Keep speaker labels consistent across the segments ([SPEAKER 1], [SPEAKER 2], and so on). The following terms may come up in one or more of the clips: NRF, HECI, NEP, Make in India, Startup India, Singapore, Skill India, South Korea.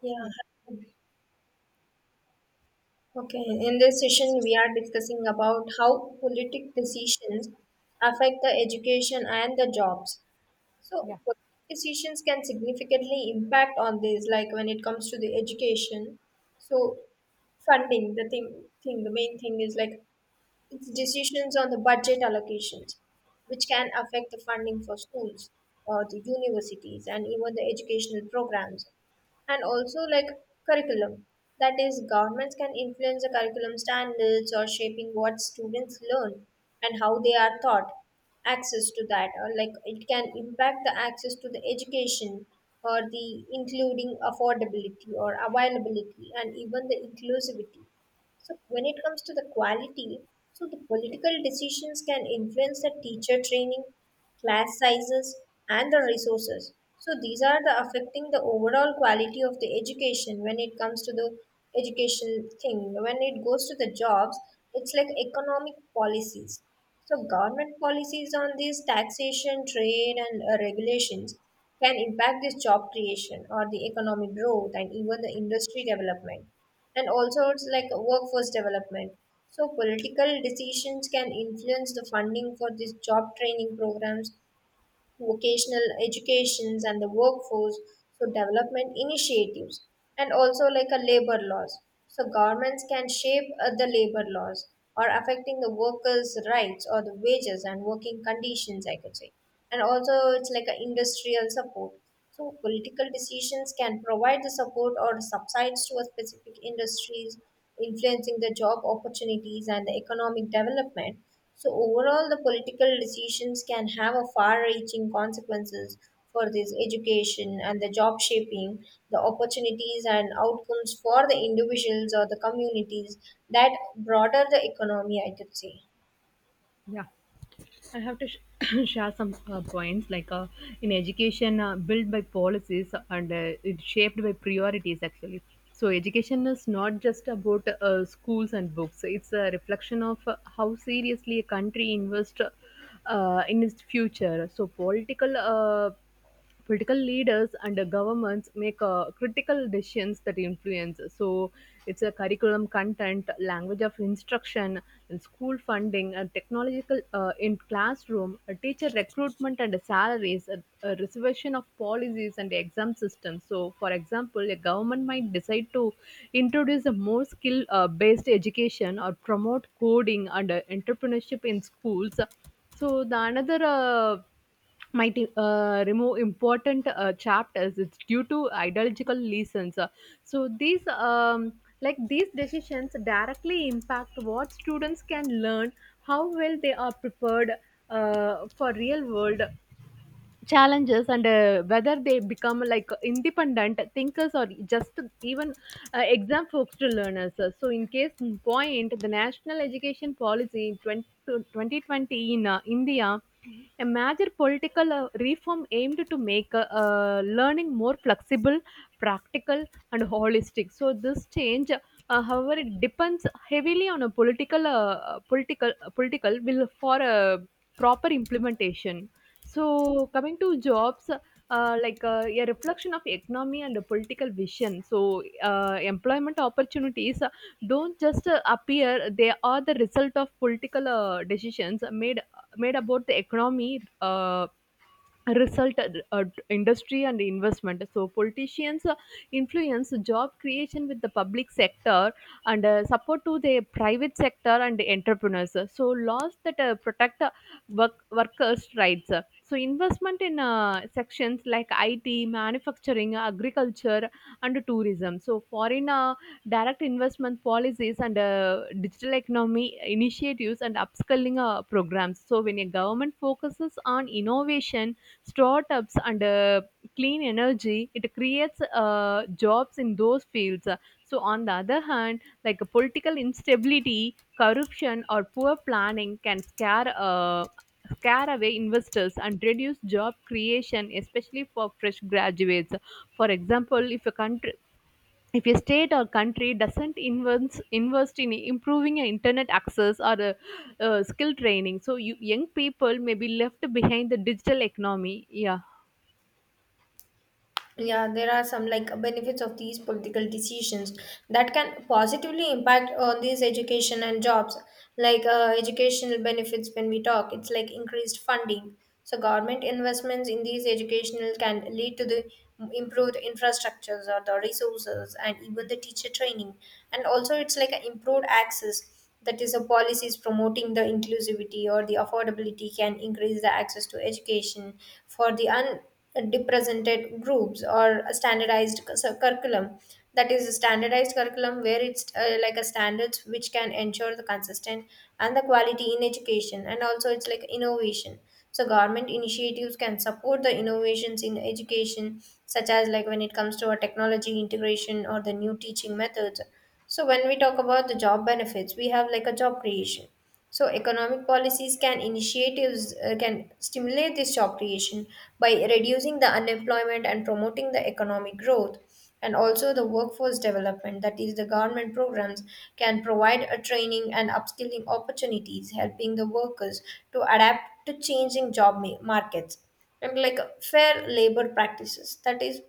[SPEAKER 1] Yeah.
[SPEAKER 2] Yeah.
[SPEAKER 1] Okay. In this session, we are discussing about how politic decisions affect the education and the jobs.
[SPEAKER 2] Yeah.
[SPEAKER 1] So, politic decisions can significantly impact on this, like when it comes to the education. So, funding, the main thing is like it's decisions on the budget allocations, which can affect the funding for schools, or the universities, and even the educational programs. And also, like curriculum, that is, governments can influence the curriculum standards or shaping what students learn and how they are taught. Access to that, or like it can impact the access to the education or the including affordability or availability and even the inclusivity, so when it comes to the quality, so the political decisions can influence the teacher training, class sizes, and the resources. So these are the affecting the overall quality of the education when it comes to the education thing. When it goes to the jobs, it's like economic policies. So, government policies on these taxation, trade, and regulations can impact this job creation or the economic growth and even the industry development, and also it's like workforce development. So, political decisions can influence the funding for these job training programs, vocational educations and the workforce, so development initiatives, and also like a labor laws. So governments can shape the labor laws, or affecting the workers rights or the wages and working conditions, I could say. And also it's like an industrial support, so political decisions can provide the support or subsides to a specific industries, influencing the job opportunities and the economic development. So overall, the political decisions can have a far-reaching consequences for this education and the job shaping, the opportunities and outcomes for the individuals or the communities that broader the economy, I could say.
[SPEAKER 2] Yeah, I have to share some points like in education, built by policies and it's shaped by priorities actually. So education is not just about schools and books. It's a reflection of how seriously a country invests in its future. So political leaders and the governments make critical decisions that influence. So it's a curriculum content, language of instruction, and school funding, and technological in classroom, a teacher recruitment and salaries, a reservation of policies and exam systems. So, for example, a government might decide to introduce a more skill based education or promote coding and entrepreneurship in schools. So the another might remove important chapters. It's due to ideological reasons. So these like these decisions directly impact what students can learn, how well they are prepared for real world challenges, and whether they become like independent thinkers or just even exam focused learners. So in case in point, the national education policy in 2020 India, a major political reform aimed to make learning more flexible, practical, and holistic. So this change, however, it depends heavily on a political will for a proper implementation. So coming to jobs, like a reflection of economy and a political vision. So employment opportunities don't just appear; they are the result of political decisions made about the economy, result at industry and investment. So politicians influence job creation with the public sector and support to the private sector and the entrepreneurs. So laws that protect workers rights, so investment in sections like IT, manufacturing, agriculture, and tourism, so foreign direct investment policies and digital economy initiatives and upskilling programs. So when a government focuses on innovation, startups, and clean energy, it creates jobs in those fields. So on the other hand, like political instability, corruption, or poor planning can scare away investors and reduce job creation, especially for fresh graduates. For example, if a country, if a state or country doesn't invest in improving internet access or skill training, so you, young people may be left behind the digital economy. Yeah.
[SPEAKER 1] Yeah, there are some like benefits of these political decisions that can positively impact on these education and jobs, like educational benefits. When we talk, it's like increased funding, so government investments in these educational can lead to the improved infrastructures or the resources and even the teacher training. And also it's like an improved access, that is a policies promoting the inclusivity or the affordability can increase the access to education for the underrepresented groups, or a standardized curriculum, that is a standardized curriculum where it's like a standards which can ensure the consistent and the quality in education. And also it's like innovation, so government initiatives can support the innovations in education, such as like when it comes to a technology integration or the new teaching methods. So when we talk about the job benefits, we have like a job creation. So economic policies can stimulate this job creation by reducing the unemployment and promoting the economic growth. And also the workforce development, that is the government programs, can provide a training and upskilling opportunities, helping the workers to adapt to changing job markets, and like fair labor practices, that is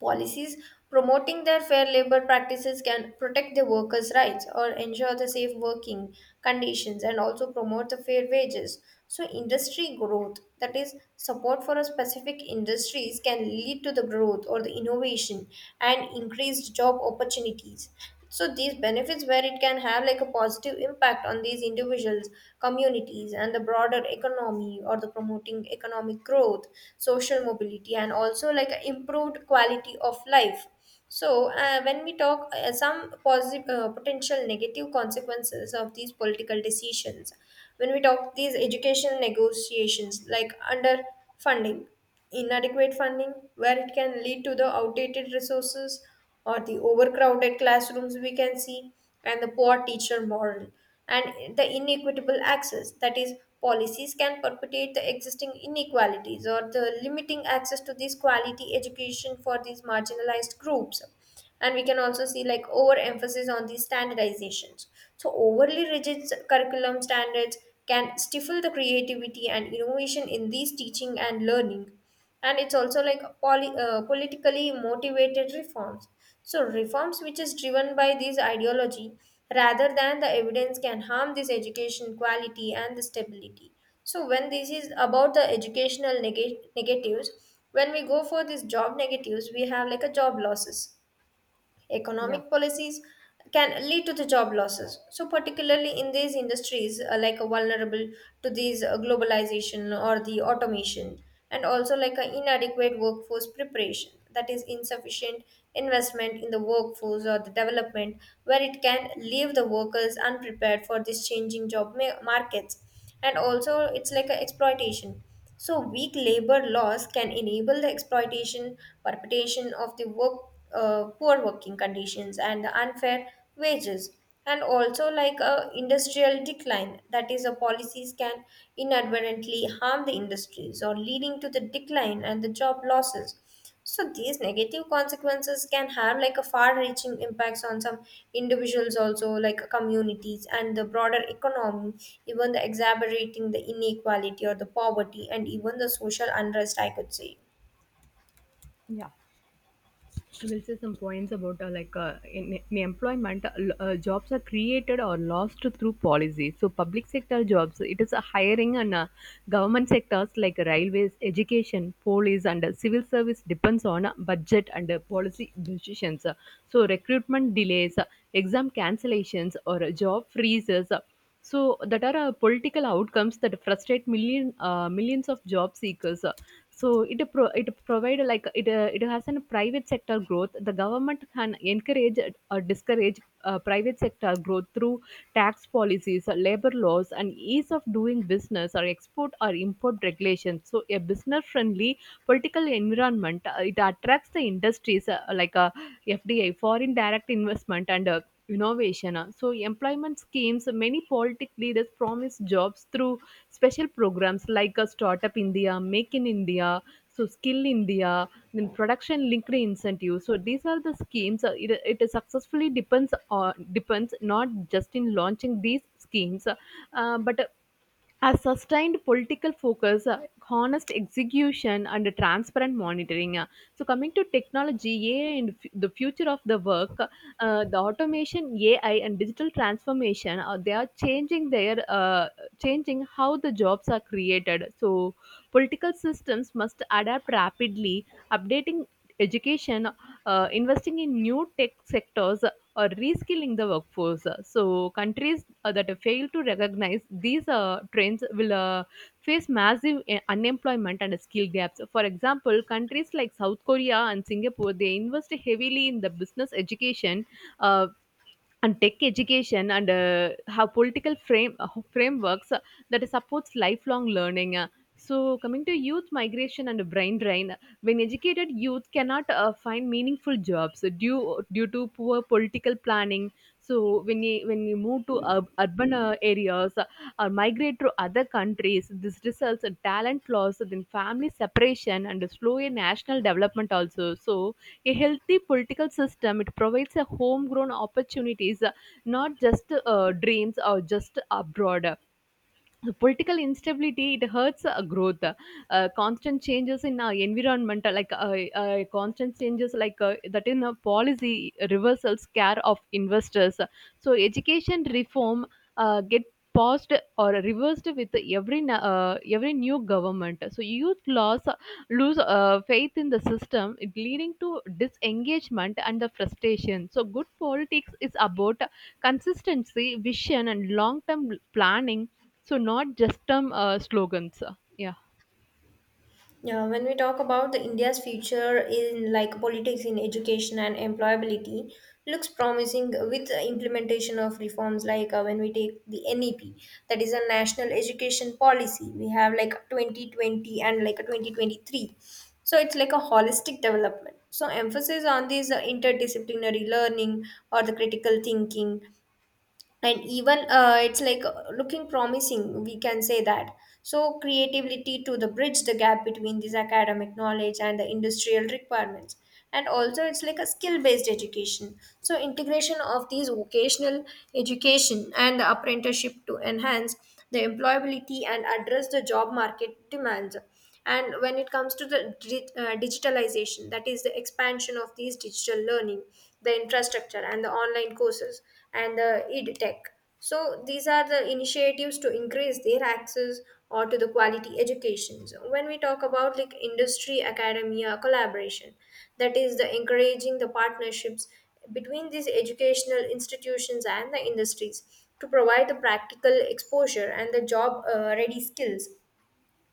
[SPEAKER 1] policies promoting their fair labor practices can protect the workers' rights or ensure the safe working conditions and also promote the fair wages. So, industry growth, that is, support for a specific industries, can lead to the growth or the innovation and increased job opportunities. So these benefits where it can have like a positive impact on these individuals, communities and the broader economy, or the promoting economic growth, social mobility, and also like a improved quality of life. So when we talk some positive potential negative consequences of these political decisions, when we talk these education negotiations, like under funding, inadequate funding where it can lead to the outdated resources or the overcrowded classrooms we can see, and the poor teacher model, and the inequitable access, that is policies can perpetuate the existing inequalities or the limiting access to this quality education for these marginalized groups. And we can also see like overemphasis on these standardizations, so overly rigid curriculum standards can stifle the creativity and innovation in these teaching and learning. And it's also like politically motivated reforms, so reforms which is driven by this ideology rather than the evidence can harm this education quality and the stability. So when this is about the educational negatives, when we go for these job negatives, we have like a job losses.
[SPEAKER 2] Yeah.
[SPEAKER 1] Economic policies can lead to the job losses. So, particularly in these industries, like vulnerable to these globalization or the automation, and also like an inadequate workforce preparation, that is insufficient investment in the workforce or the development, where it can leave the workers unprepared for these changing job markets, and also it's like an exploitation. So, weak labor laws can enable the exploitation, perpetuation of the work, poor working conditions and the unfair wages, and also like a industrial decline. That is, the policies can inadvertently harm the industries or leading to the decline and the job losses. So these negative consequences can have like a far-reaching impacts on some individuals, also like communities and the broader economy, even the exacerbating the inequality or the poverty and even the social unrest, I could say.
[SPEAKER 2] Yeah. So, I will say some points about like in employment, jobs are created or lost through policy. So public sector jobs, it is a hiring and government sectors like railways, education, police, and civil service depends on budget and policy decisions. So recruitment delays, exam cancellations, or job freezes, so that are political outcomes that frustrate millions of job seekers. So it it provide, like it it has a private sector growth. The government can encourage or discourage private sector growth through tax policies, labor laws, and ease of doing business, or export or import regulations. So a business friendly political environment, it attracts the industries, like FDI, foreign direct investment, and innovation. So employment schemes, many politic leaders promise jobs through special programs like a Startup India, Make in India, so Skill India, then production linked incentive. So these are the schemes. It successfully depends not just in launching these schemes, but a sustained political focus, honest execution, and a transparent monitoring. So, coming to technology, AI, and the future of the work, the automation, AI, and digital transformation, they are changing how the jobs are created. So, political systems must adapt rapidly, updating education, investing in new tech sectors, or reskilling the workforce. So countries that fail to recognize these trends will face massive unemployment and skill gaps. For example, countries like South Korea and Singapore, they invest heavily in the business education, uh, and tech education, and have political frame frameworks that supports lifelong learning. So coming to youth migration and brain drain, when educated youth cannot find meaningful jobs due to poor political planning, so when you move to urban areas or migrate to other countries, this results in talent loss, then family separation and slower national development also. So a healthy political system, it provides a homegrown opportunities, not just dreams or just abroad. The political instability, it hurts growth. Constant changes in our environment, like constant changes like that in a policy reversals care of investors, so education reform get paused or reversed with every every new government. So youth loss lose faith in the system, it leading to disengagement and the frustration. So good politics is about consistency, vision, and long term planning. So not just term slogans. Yeah.
[SPEAKER 1] Yeah, when we talk about the India's future in like politics in education and employability, looks promising with the implementation of reforms like when we take the NEP, that is a national education policy. We have like 2020 and like a 2023. So it's like a holistic development. So emphasis on these interdisciplinary learning or the critical thinking, and even it's like looking promising we can say that. So creativity to the bridge the gap between this academic knowledge and the industrial requirements, and also it's like a skill based education, so integration of these vocational education and the apprenticeship to enhance the employability and address the job market demands. And when it comes to the digitalization, that is the expansion of these digital learning, the infrastructure and the online courses, and the edtech. So these are the initiatives to increase their access or to the quality education. So when we talk about like industry academia collaboration, that is the encouraging the partnerships between these educational institutions and the industries to provide the practical exposure and the job ready skills.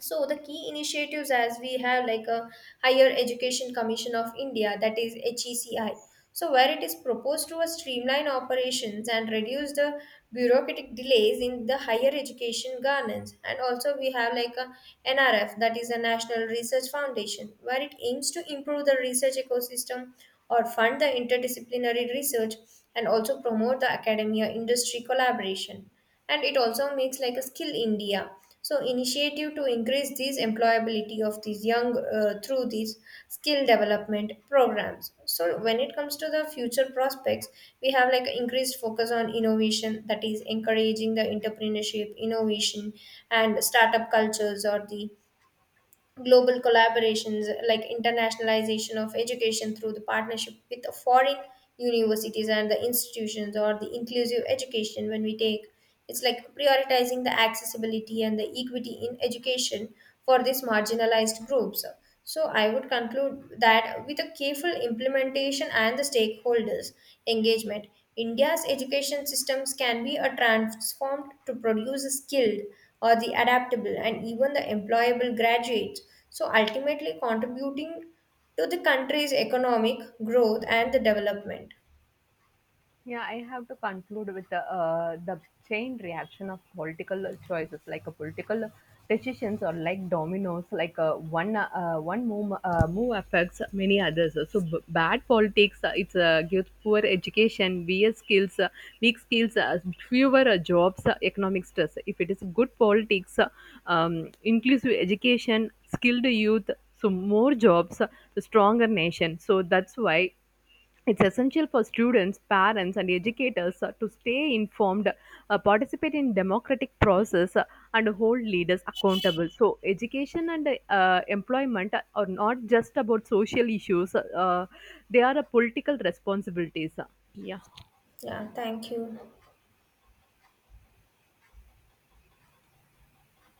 [SPEAKER 1] So the key initiatives as we have like a higher education commission of India, that is HECI, so where it is proposed to a streamline operations and reduce the bureaucratic delays in the higher education governance. And also we have like a NRF, that is a national research foundation, where it aims to improve the research ecosystem or fund the interdisciplinary research, and also promote the academia industry collaboration. And it also makes like a Skill India, so initiative to increase these employability of these young through these skill development programs. So when it comes to the future prospects, we have like increased focus on innovation, that is encouraging the entrepreneurship innovation and startup cultures, or the global collaborations like internationalization of education through the partnership with the foreign universities and the institutions, or the inclusive education when we take it's like prioritizing the accessibility and the equity in education for these marginalized groups. So I would conclude that with a careful implementation and the stakeholders engagement, India's education systems can be a transformed to produce a skilled or the adaptable and even the employable graduates, so ultimately contributing to the country's economic growth and the development.
[SPEAKER 2] Yeah, I have to conclude with the chain reaction of political choices, like a political decisions or like dominoes, like one move affects many others. So bad politics, it's gives poor education, weak skills, fewer jobs, economic stress. If it is good politics, inclusive education, skilled youth, so more jobs, stronger nation. So that's why. It's essential for students, parents, and educators to stay informed, participate in democratic process, and hold leaders accountable. So, education and employment are not just about social issues; they are a political responsibilities. Yeah.
[SPEAKER 1] Yeah, thank you.